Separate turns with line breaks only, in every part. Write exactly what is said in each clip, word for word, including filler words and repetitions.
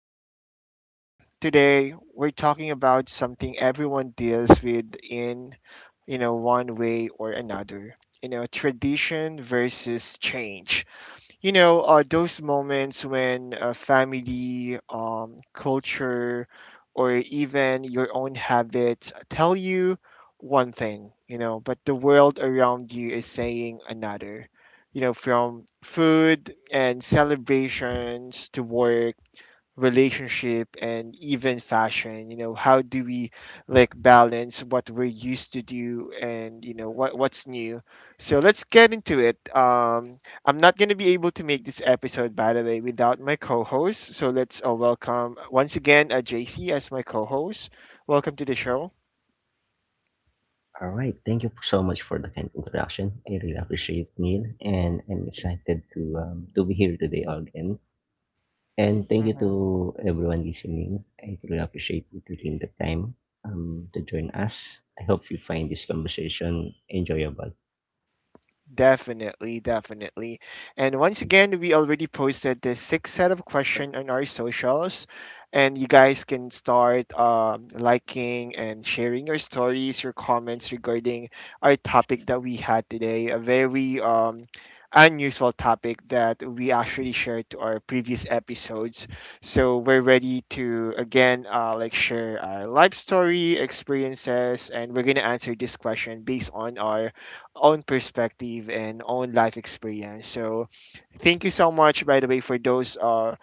and um today we're talking about something everyone deals with in you know one way or another. You know, tradition versus change, you know uh, those moments when uh, family, um, culture, or even your own habits tell you one thing you know but the world around you is saying another. You know, from food and celebrations to work, relationship, and even fashion, you know, how do we like balance what we're used to do and you know what what's new? So let's get into it. um I'm not going to be able to make this episode, by the way, without my co-host, so let's uh, welcome once again uh, JC as my co-host. Welcome to the show.
All right. Thank you so much for the kind introduction. I really appreciate it, Neil, and I'm excited to um, to be here today again. And thank you to everyone listening. I truly appreciate you taking the time um, to join us. I hope you find this conversation enjoyable.
Definitely, definitely. And once again, we already posted this six set of question on our socials, and you guys can start um, liking and sharing your stories, your comments regarding our topic that we had today. A very um, unusual topic that we actually shared to our previous episodes. So we're ready to again uh, like share our life story experiences, and we're gonna answer this question based on our own perspective and own life experience. So, thank you so much, by the way, for those uh,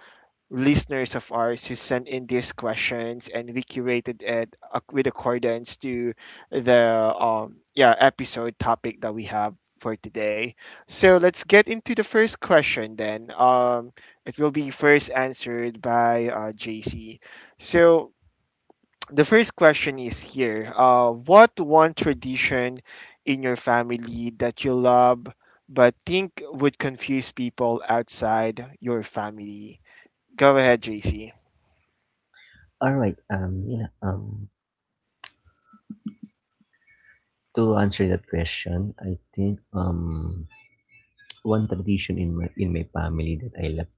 listeners of ours who sent in these questions, and we curated it ac- with accordance to the um, yeah episode topic that we have for today. So, let's get into the first question then. Um, it will be first answered by uh, J C. So, the first question is here. Uh, what one tradition in your family that you love but think would confuse people outside your family? Go ahead, J C.
All right. Um, you know, um, to answer that question, I think um, one tradition in my in my family that I love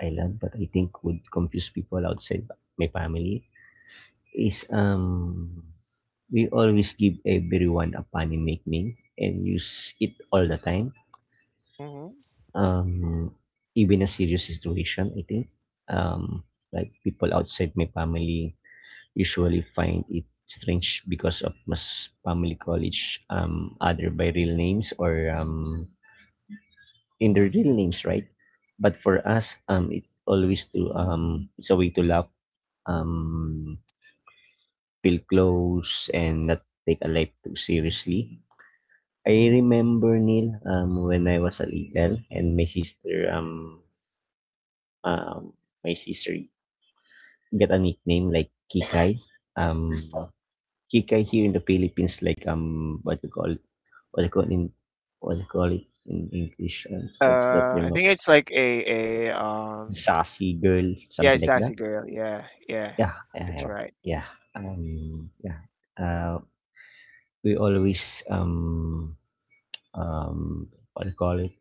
I love, but I think would confuse people outside my family is um we always give everyone a funny nickname and use it all the time.
hmm
Um, even a serious situation, I think. Um, like people outside my family usually find it strange because of mas family college um other by real names or um in their real names, right? But for us, um, it's always to um, it's a way to laugh, um, feel close and not take a life too seriously. I remember, Neil, um when I was a legal and my sister um um my sister got a nickname like Kikai. Um Kikai here in the Philippines, like um what you call it, what you call in what you call it in English, um, what's that
Uh, I
name of
think it's like a a um
sassy girl,
yeah,
something
it's
like that?
sassy girl. Yeah, yeah,
Yeah, yeah,
it's
yeah.
right.
Yeah. Um yeah. Uh we always um um what do you call it,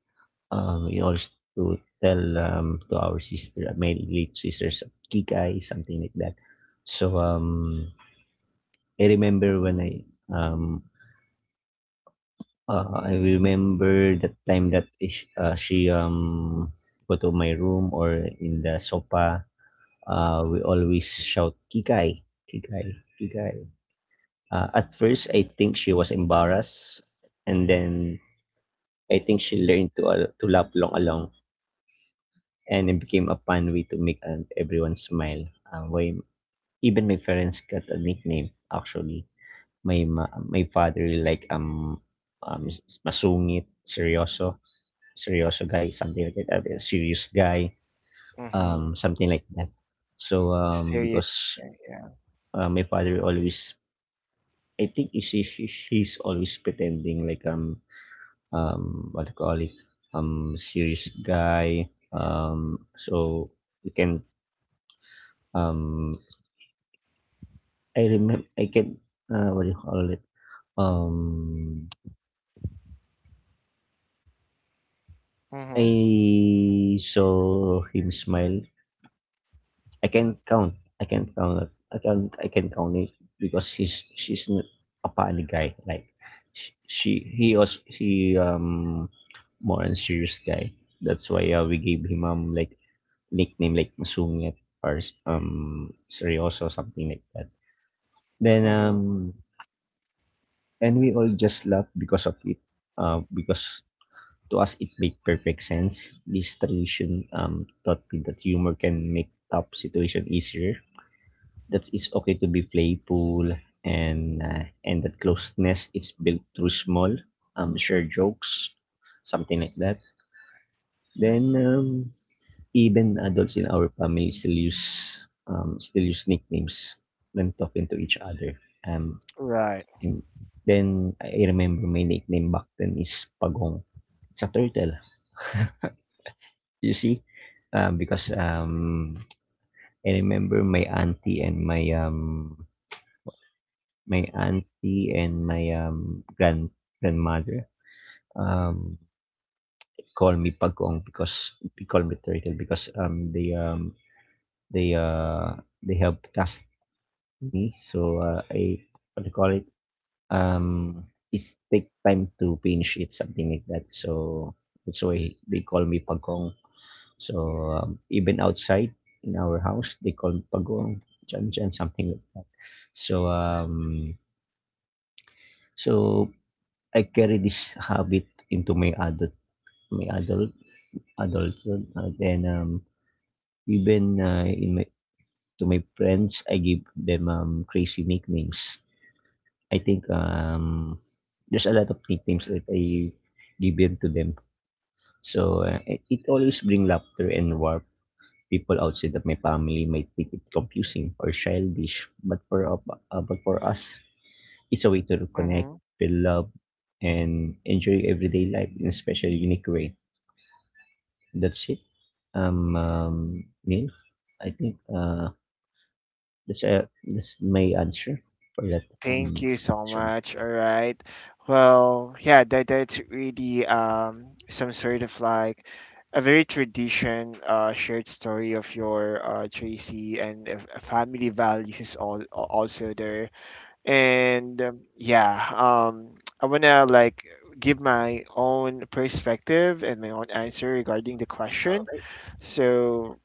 Um, in order to tell, um, to our sister, uh, my late sisters, "Kikay," something like that. So, um, I remember when I, um, uh, I remember that time that ish, uh, she um go to my room or in the sofa. Uh, we always shout, "Kikay, Kikay, Kikay." Uh, at first, I think she was embarrassed, and then I think she learned to uh, to laugh long along, and it became a fun way to make um, everyone smile. Um, why even my parents got a nickname. Actually, my ma- my father really like um um masungit, seryoso, seryoso guy, something like that, a serious guy,
Mm-hmm.
um something like that. So um
Serious.
because
Yeah.
uh, my father always, I think he's, he's he's always pretending like um um what do you call it, um serious guy. Um, so you can um I remember I can, uh, what do you call it? Um,
Mm-hmm.
I saw him smile. I can count. I can count it. I can I can count it because he's she's not a funny guy. Like, she, she he was he um more on serious guy. That's why, uh, we gave him um like nickname like Masungit or um seryoso, something like that. Then
Mm-hmm.
um and we all just laughed because of it, uh, because to us, it made perfect sense. This tradition um, taught me that humor can make tough situation easier. That it's okay to be playful, and uh, and that closeness is built through small, um, shared jokes, something like that. Then um, even adults in our family still use um, still use nicknames when talking to each other. Um,
Right.
and then I remember my nickname back then is Pagong. It's a turtle. You see, uh, because um, I remember my auntie and my um, my auntie and my um, grand grandmother, um, call me pagong because they call me turtle because um, they um, they uh, they have cast me. So, uh, I, what do you call it? Um, it's take time to finish it, something like that. So that's why they call me pagong. So, um, even outside in our house, they call it pagong, chan chan, something like that. So, um, so I carry this habit into my adult, my adult, adulthood, and then um, even uh, in my to my friends, I give them um, crazy nicknames. I think um, there's a lot of nicknames that I give them to them. So, uh, it it always bring laughter and warmth. People outside of my family might think it confusing or childish, but for up- uh, but for us, it's a way to connect, feel love, and enjoy everyday life in a special, unique way. That's it. Um, um Neil, I think uh that's uh, that's my answer for that
Thank
um
you so
question.
much. All right. Well, yeah, that that's really um some sort of like a very tradition uh shared story of your uh Tracy and if- uh, family values is all also there. And um, yeah, um I wanna like give my own perspective and my own answer regarding the question. So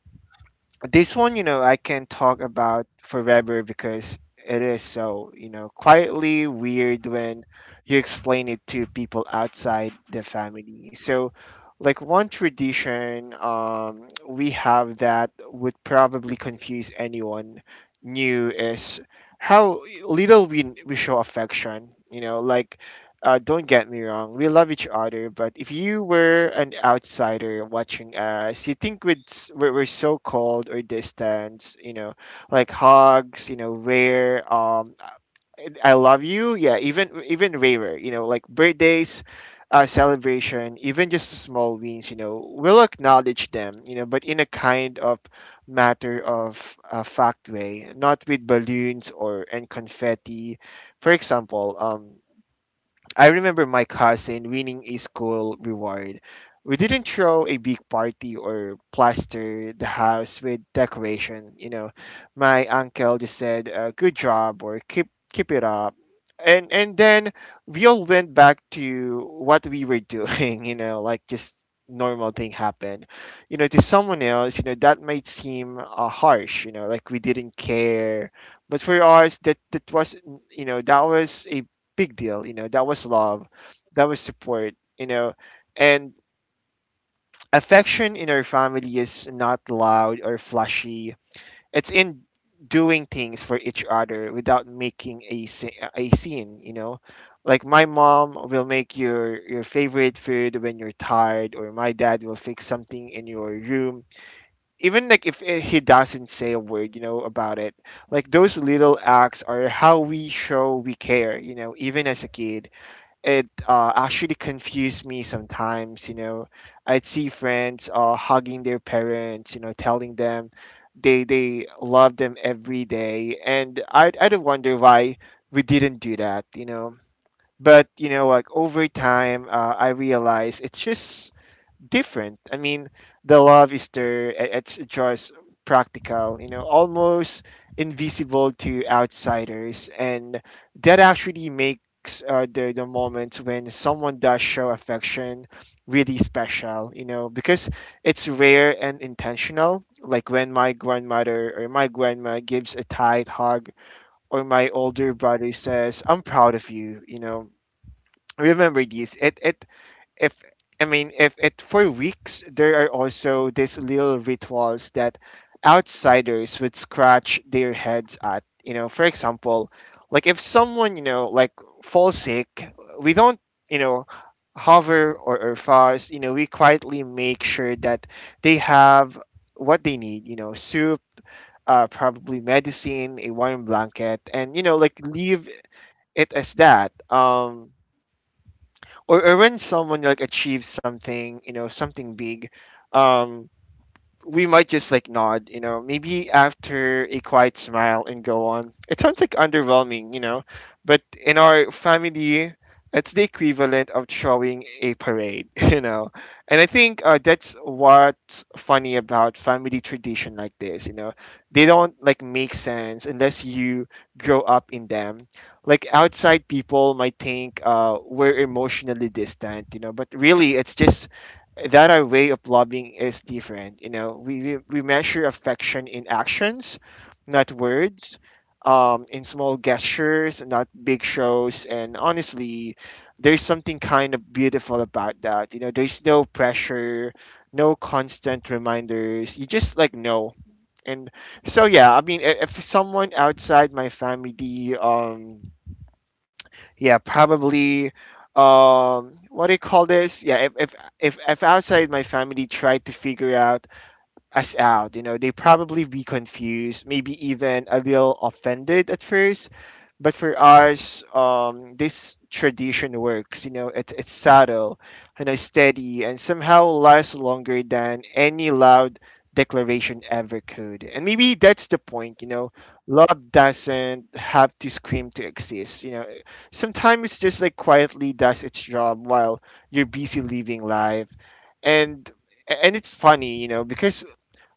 this one, you know, I can talk about forever because it is so, you know, quietly weird when you explain it to people outside the family. So, like one tradition um, we have that would probably confuse anyone new is how little we we show affection. You know, like uh, don't get me wrong, we love each other, but if you were an outsider watching us, you think we'd, s- we're, we're so cold or distant, you know, like hugs, you know, rare, um, I love you, yeah, even even rarer, you know, like birthdays, uh, celebration, even just the small wins, you know, we'll acknowledge them, you know, but in a kind of matter of uh, fact way, not with balloons or and confetti. For example, um, I remember my cousin winning a school reward. We didn't throw a big party or plaster the house with decoration. You know, my uncle just said, uh, "Good job" or "Keep keep it up," and and then we all went back to what we were doing. You know, like just normal thing happened. You know, to someone else, you know, that might seem uh, harsh. You know, like we didn't care, but for us, that that was, you know, that was a big deal. You know, that was love, that was support. You know, and affection in our family is not loud or flashy. It's in doing things for each other without making a sce- a scene. You know, like my mom will make your your favorite food when you're tired, or my dad will fix something in your room. Even like if eh, he doesn't say a word, you know, about it, like those little acts are how we show we care, you know, even as a kid it uh, actually confused me sometimes. You know, I'd see friends uh, hugging their parents, you know, telling them they they love them every day, and I'd I'd wonder why we didn't do that. You know, but you know, like over time, uh, I realized it's just different. I mean, the love is there. i- It's just practical, you know, almost invisible to outsiders, and that actually makes uh, the the moments when someone does show affection really special, you know, because it's rare and intentional. Like when my grandmother or my grandma gives a tight hug, or my older brother says, "I'm proud of you," you know. Remember this. It it if I mean if it for weeks, there are also these little rituals that outsiders would scratch their heads at. You know, for example, like if someone, you know, like falls sick, we don't, you know, hover or, or fuss, you know, we quietly make sure that they have what they need, you know, soup, uh, probably medicine, a warm blanket, and you know, like leave it as that. Um or, or when someone like achieves something, you know, something big, um we might just like nod, you know, maybe after a quiet smile and go on. It sounds like underwhelming, you know, but in our family, it's the equivalent of showing a parade, you know. And I think uh, that's what's funny about family tradition like this, you know. They don't like make sense unless you grow up in them. Like outside people might think uh, we're emotionally distant, you know, but really it's just that our way of loving is different. You know, we, we, we measure affection in actions, not words, um, in small gestures, not big shows. And honestly, there's something kind of beautiful about that. You know, there's no pressure, no constant reminders. You just like know. And so, yeah, I mean, i- if someone outside my family, um, yeah, probably um what do you call this? Yeah, if if if, if outside my family tried to figure out us out. You know, they probably be confused, maybe even a little offended at first. But for us, um, this tradition works. You know, it's it's subtle, you know, steady, and somehow lasts longer than any loud declaration ever could. And maybe that's the point. You know, love doesn't have to scream to exist. You know, sometimes it's just like quietly does its job while you're busy living life, and and it's funny, you know, because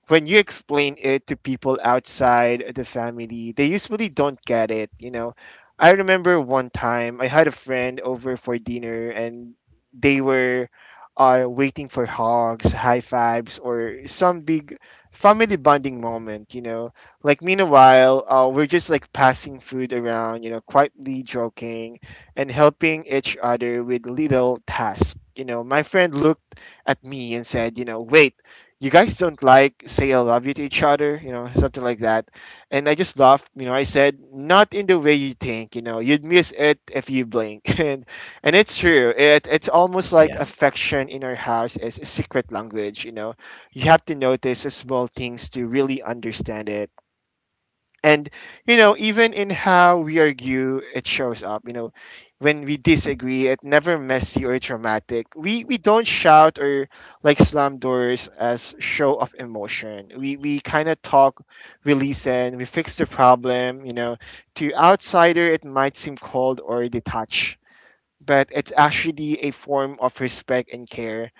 when you explain it to people outside the family, they usually don't get it, you know. I remember one time I had a friend over for dinner and they were uh, waiting for hugs, high fives, or some big family bonding moment, you know. Like, meanwhile, uh, we're just like passing food around, you know, quietly joking and helping each other with little tasks. You know, my friend looked at me and said, you know, wait, you guys don't like say I love you to each other, you know, something like that. And I just laughed, you know, I said, not in the way you think, you know, you'd miss it if you blink. And and it's true. It it's almost like
Yeah.
affection in our house is a secret language, you know. You have to notice the small things to really understand it. And you know, even in how we argue, it shows up. You know, when we disagree, it never messy or dramatic. We we don't shout or like slam doors as show of emotion. We we kind of talk, we listen, we fix the problem. You know, to outsider it might seem cold or detached, but it's actually a form of respect and care,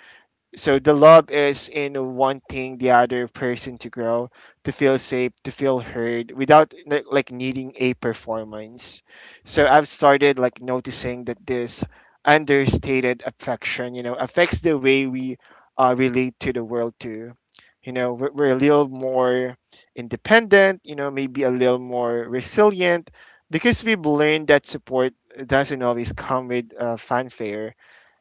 so the love is in wanting the other person to grow, to feel safe, to feel heard without like like, needing a performance. So I've started like noticing that this understated affection, you know, affects the way we uh, relate to the world too. You know, we're, we're a little more independent, you know, maybe a little more resilient because we've learned that support doesn't always come with uh, fanfare,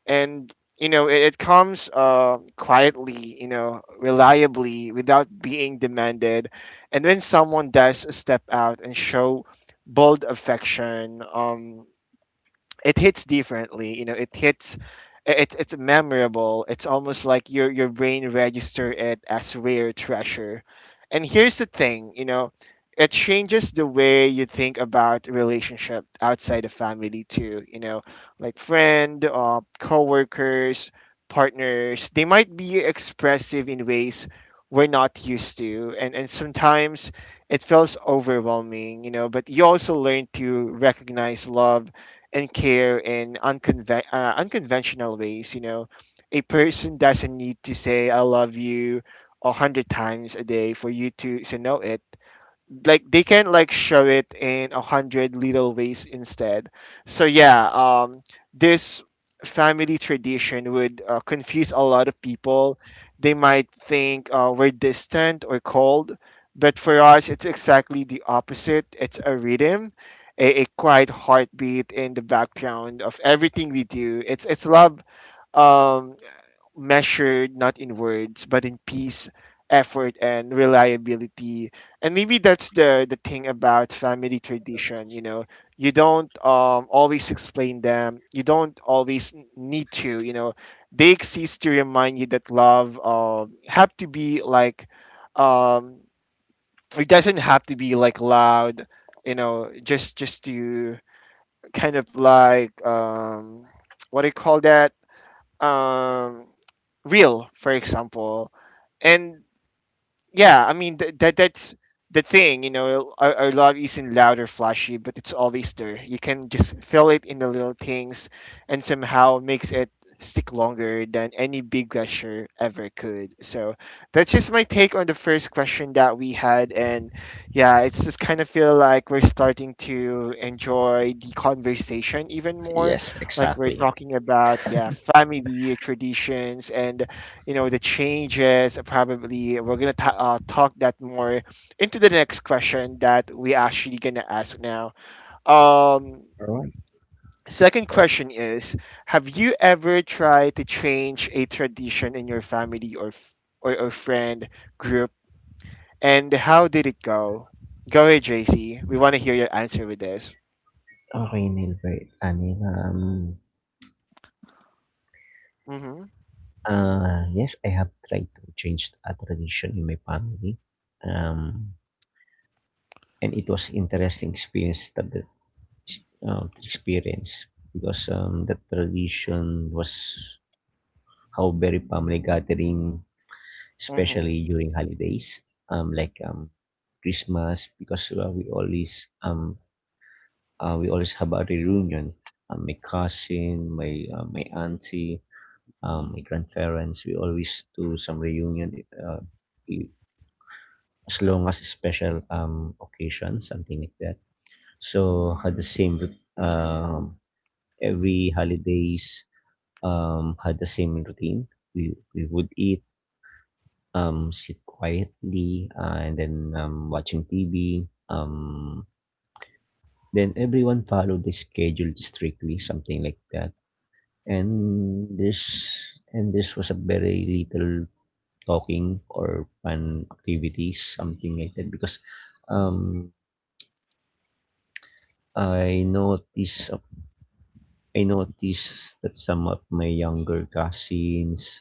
and you know it, it comes uh, quietly, you know, reliably without being demanded, and when someone does step out and show bold affection, um, it hits differently, you know, it hits, it's it's memorable, it's almost like your your brain register it as rare treasure. And here's the thing, you know, it changes the way you think about relationship outside of family too, you know, like friend, uh, coworkers, partners, they might be expressive in ways we're not used to, and and sometimes it feels overwhelming, you know, but you also learn to recognize love and care in unconven- uh, unconventional ways. You know, a person doesn't need to say "I love you" a hundred times a day for you to to know it, like they can, like, show it in a hundred little ways instead. So yeah, um, this family tradition would uh, confuse a lot of people. They might think uh, we're distant or cold, but for us, it's exactly the opposite. It's a rhythm, a, a quiet heartbeat in the background of everything we do. It's it's love. Um, Measured not in words but in peace, effort, and reliability. And maybe that's the the thing about family tradition, you know. You don't um, always explain them, you don't always n- need to, you know. They exist to remind you that love um, have to be like, um, it doesn't have to be like loud, you know, just just to, kind of, like, um, what do you call that, um, real, for example. And yeah, I mean, th- that that's the thing, you know, our, our love isn't loud or flashy, but it's always there. You can just feel it in the little things, and somehow makes it stick longer than any big gesture ever could. So that's just my take on the first question that we had, and yeah, it's just kind of feel like we're starting to enjoy the conversation even more,
Yes,
like we're
exactly.
talking about, yeah, family traditions. And you know, the changes, probably we're gonna ta- uh, talk that more into the next question that we actually gonna ask now. um
Alright.
Second
So,
question is, have you ever tried to change a tradition in your family or f- or, or friend group, and how did it go? Go ahead, JC, we want to hear your answer with this.
okay, Neil, right. I mean, um,
Mm-hmm.
Uh, yes, I have tried to change a tradition in my family, um, and it was interesting experience that the, uh, experience because um, the tradition was how very family gathering,
Mm-hmm.
especially during holidays, um, like um, Christmas, because uh, we always um uh, we always have a reunion. Um, my cousin, my uh, my auntie, um, my grandparents, we always do some reunion. Uh, as long as special um occasion, something like that. So had the same rut- um every holidays. Um had the same routine. We we would eat, um sit quietly, uh, and then um watching T V. Um then everyone followed the schedule strictly, something like that. And this and this was a very little talking or fun activities, something like that because um I notice I notice that some of my younger cousins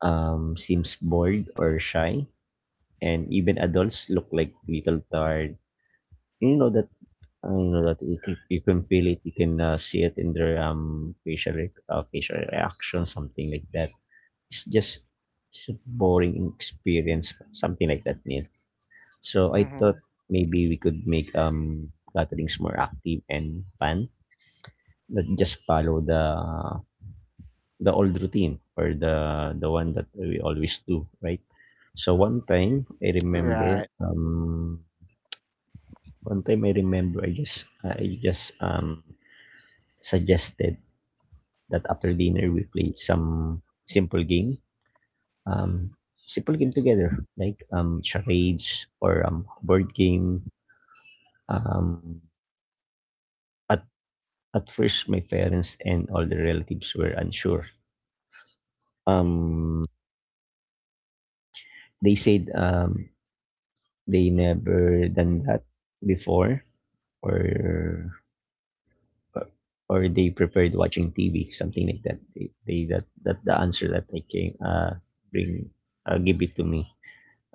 um, seems bored or shy, and even adults look like little tired. You know that, uh, you know that you can, you can feel it. You can, uh, see it in their um facial rec- uh, facial reaction, something like that. It's just it's a boring experience, something like that, Neil. So I
Mm-hmm.
thought maybe we could make um gatherings more active and fun, not just follow the the old routine or the the one that we always do, right? So one time I remember
Right.
um one time I remember I just uh, I just um suggested that after dinner we play some simple game. Um simple game together like um charades or um board game. Um at at first my parents and all the relatives were unsure. Um they said um they never done that before, or uh, or they preferred watching T V, something like that. They, they that that the answer that I came uh bring uh, give it to me.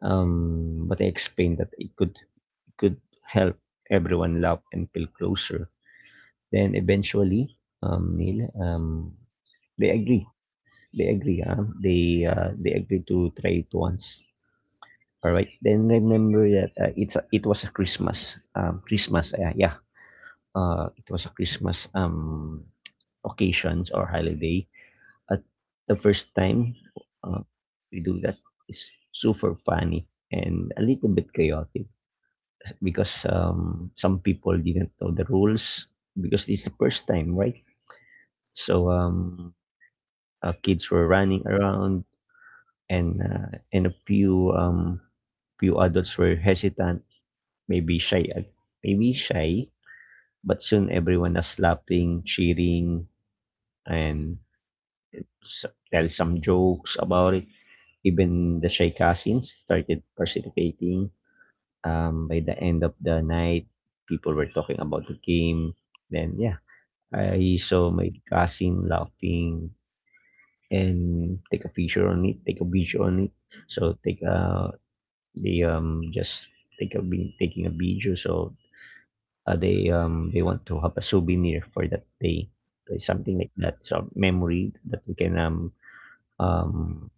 Um, but I explained that it could it could help everyone love and feel closer. Then eventually, um, Neil, um, they agree. They agree. Huh? They uh, they agree to try it once. All right. Then remember that uh, it's a, it was a Christmas. Um, Christmas. Uh, yeah. Uh, it was a Christmas, Um, occasions or holiday. At the first time, uh, we do that is super funny and a little bit chaotic because um, some people didn't know the rules because it's the first time, right? So um, uh, kids were running around, and uh, and a few um, few adults were hesitant, maybe shy, uh, maybe shy. But soon everyone was laughing, cheering, and s- tell some jokes about it. Even the shy cousins started participating. Um, by the end of the night, people were talking about the game. Then, yeah, I saw my cousin laughing and take a picture on it, take a video on it. So take a they um just take a vi- taking a video. So, uh, they um they want to have a souvenir for that day, like, something like that. So memory that we can um um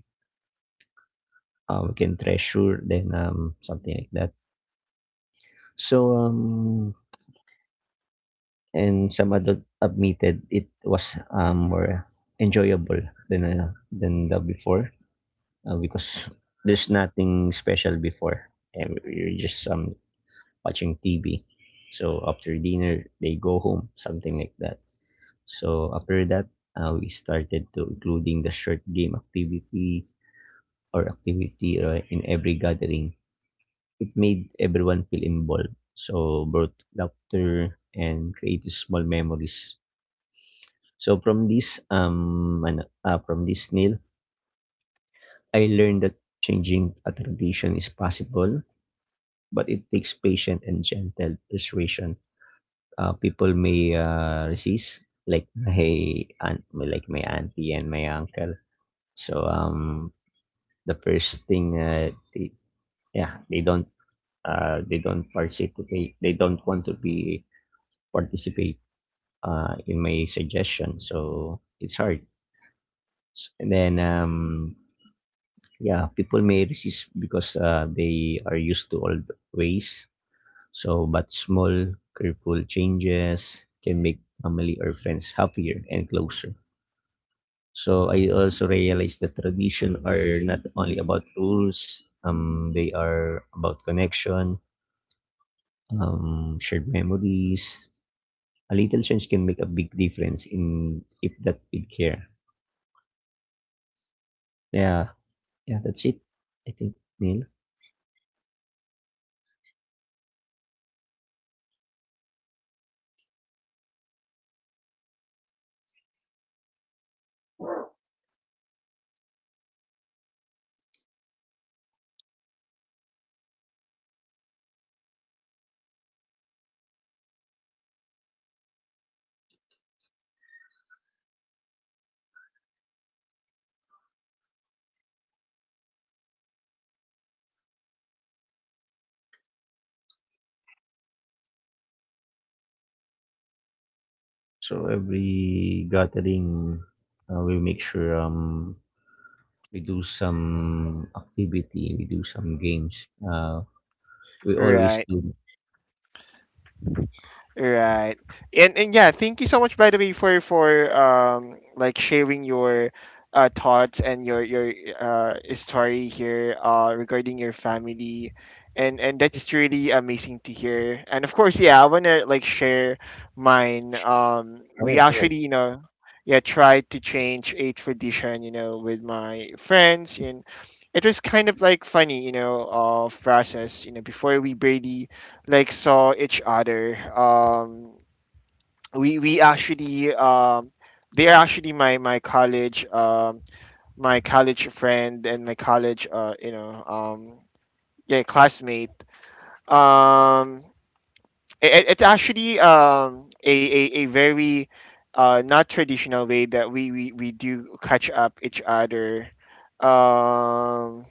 uh, we can treasure. Then um something like that. So, um, and some adult admitted it was, um, more enjoyable than, ano, than the before, uh, because there's nothing special before. And you're just, um, watching T V. So after dinner, they go home, something like that. So after that, uh, we started to including the short game activity or activity, uh, in every gathering. It made everyone feel involved. So brought laughter and created small memories. So from this um ano, ah, from this, Neil, I learned that changing a tradition is possible, but it takes patient and gentle persuasion. Uh, people may, uh, resist, like my aunt, like my auntie and my uncle. So um the first thing, uh, they, yeah, they don't, uh, they don't participate they don't want to be participate, uh, in my suggestion. So it's hard. S- And then, um, yeah, people may resist because uh, they are used to old ways. So, but small, careful changes can make family or friends happier and closer. So I also realized that tradition are not only about rules. Um, they are about connection, um, shared memories. A little change can make a big difference in if that we care. Yeah, yeah, that's it. I think, Neil. So every gathering, uh, we make sure um, we do some activity, we do some games. Uh, we always
Right.
do.
Right. And and yeah, thank you so much, by the way, for for um like sharing your uh thoughts and your your uh story here, uh regarding your family. And and that's truly amazing to hear. And of course, yeah, I wanna, like, share mine. Um
All
we
right, all right,
actually, you know, yeah, tried to change a tradition, you know, with my friends, and it was kind of like funny, you know, uh process, you know. Before, we barely, like, saw each other. Um, we we actually, um, they are actually my my college um, my college friend and my college, uh, you know, um, yeah, classmate. Um, it, it's actually, um, a, a a very uh, not traditional way that we, we, we do catch up each other. Um,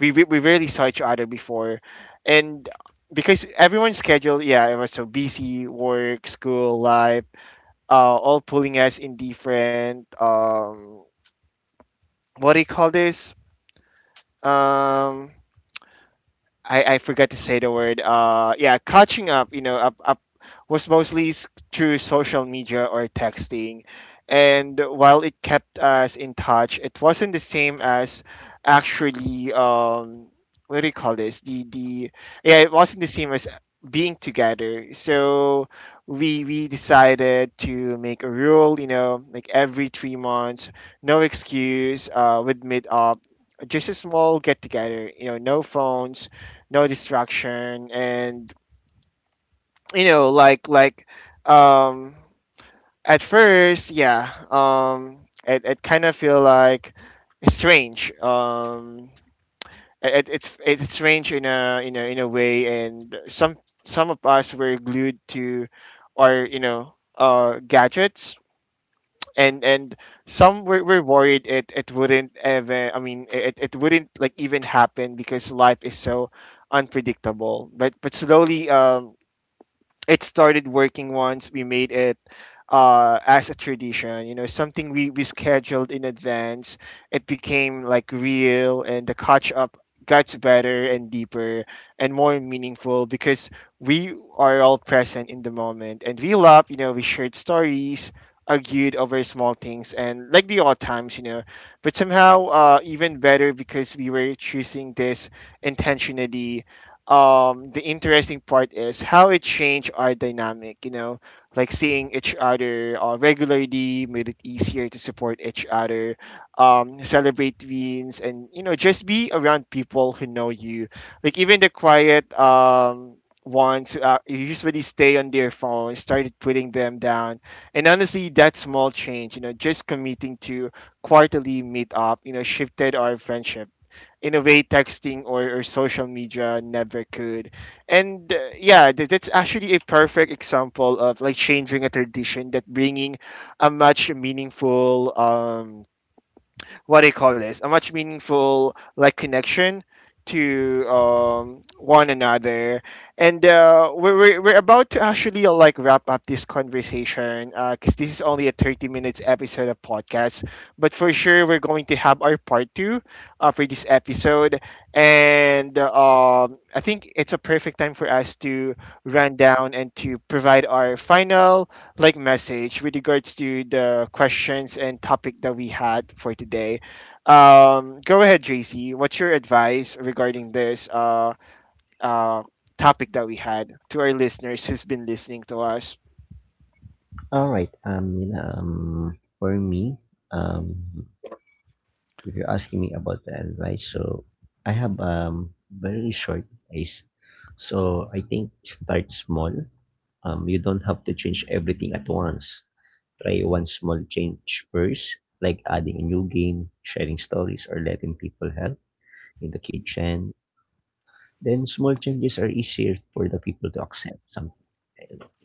we we we rarely saw each other before, and because everyone's schedule, yeah, it was so busy, work, school, life, uh, all pulling us in different, um, what do you call this? Um, I, I forgot to say the word. Uh, yeah, catching up, you know, up, up was mostly s- through social media or texting. And while it kept us in touch, it wasn't the same as actually, um, what do you call this? The, the, yeah, it wasn't the same as being together. So we, we decided to make a rule, you know, like every three months, no excuse, uh, would meet up, just a small get together, you know, no phones, no distraction. And you know, like, like um at first, yeah, um it, it kind of feel like strange, um it, it, it's it's strange in a in a in a way. And some some of us were glued to our, you know, uh gadgets, and and some were, were worried it it wouldn't even, I mean, it, it wouldn't like even happen because life is so unpredictable, but but slowly, um it started working once we made it, uh, as a tradition, you know, something we, we scheduled in advance. It became like real, and the catch up got better and deeper and more meaningful because we are all present in the moment, and we love, you know, we shared stories, argued over small things, and like the odd times, you know, but somehow, uh, even better because we were choosing this intentionally. Um the interesting part is how it changed our dynamic, you know, like seeing each other, uh, regularly, made it easier to support each other, um celebrate wins, and you know, just be around people who know you, like even the quiet um ones who uh, usually stay on their phone started putting them down. And honestly, that small change, you know, just committing to quarterly meet up, you know, shifted our friendship in a way texting or, or social media never could. And uh, yeah, that, that's actually a perfect example of like changing a tradition that bringing a much meaningful, um what do you call this, a much meaningful, like, connection to, um, one another. And uh, we're, we're we're about to actually, uh, like, wrap up this conversation because this is only a thirty minutes episode of podcast, but for sure we're going to have our part two, uh, for this episode. And um, I think it's a perfect time for us to run down and to provide our final, like, message with regards to the questions and topic that we had for today. Um, go ahead, J C. What's your advice regarding this, uh, uh, topic that we had, to our listeners who's been listening to us?
all right. Um, Neil, um, for me, um, if you're asking me about the advice, so I have um very short advice. So I think start small. Um, you don't have to change everything at once. Try one small change first, like adding a new game, sharing stories, or letting people help in the kitchen. Then small changes are easier for the people to accept. Some,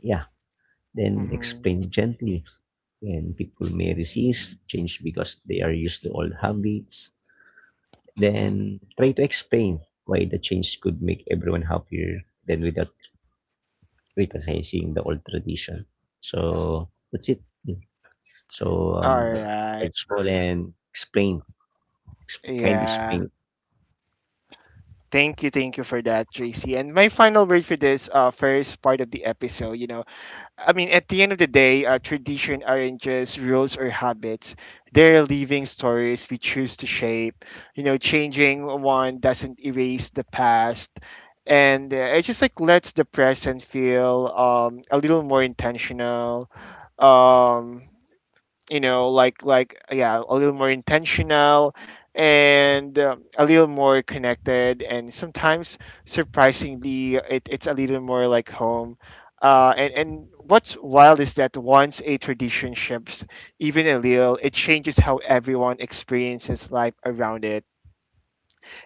yeah. Then
Mhm.
explain gently. Then people may resist change because they are used to old habits. Then try to explain why the change could make everyone happier than without criticizing the old tradition. So that's it. So
All
um,
right.
start small and explain. Candy
Yeah.
Spring,
Thank you. Thank you for that, J C. And my final word for this, uh, first part of the episode, you know, I mean, at the end of the day, uh, tradition aren't just rules or habits. They're living stories we choose to shape. You know, changing one doesn't erase the past. And uh, it just, like, lets the present feel, um, a little more intentional. Um, you know, like, like yeah, a little more intentional, and um, a little more connected, and sometimes, surprisingly, it, it's a little more like home, uh, and and what's wild is that once a tradition shifts, even a little, it changes how everyone experiences life around it.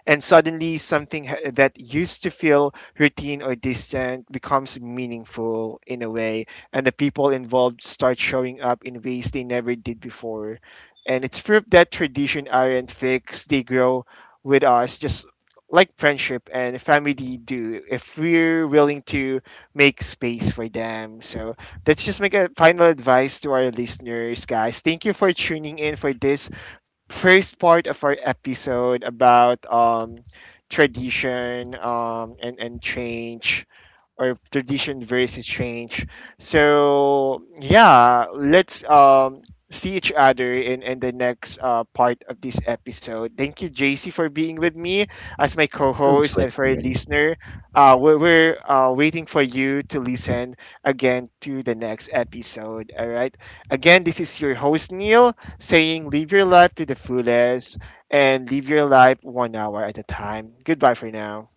And suddenly, something ha- that used to feel routine or distant becomes meaningful in a way, and the people involved start showing up in ways they never did before. And it's proof that tradition aren't fixed, they grow with us, just like friendship and family do, if we're willing to make space for them. So let's just make a final advice to our listeners, guys. Thank you for tuning in for this first part of our episode about, um, tradition, um, and, and change, or if tradition versus change. So yeah, let's um see each other in in the next, uh, part of this episode. Thank you, J C, for being with me as my
always
co-host and for
welcome
a
yan.
listener. Uh, we're, we're uh, waiting for you to listen again to the next episode. All right. Again, this is your host Neil saying, "Live your life to the fullest and live your life one hour at a time." Goodbye for now.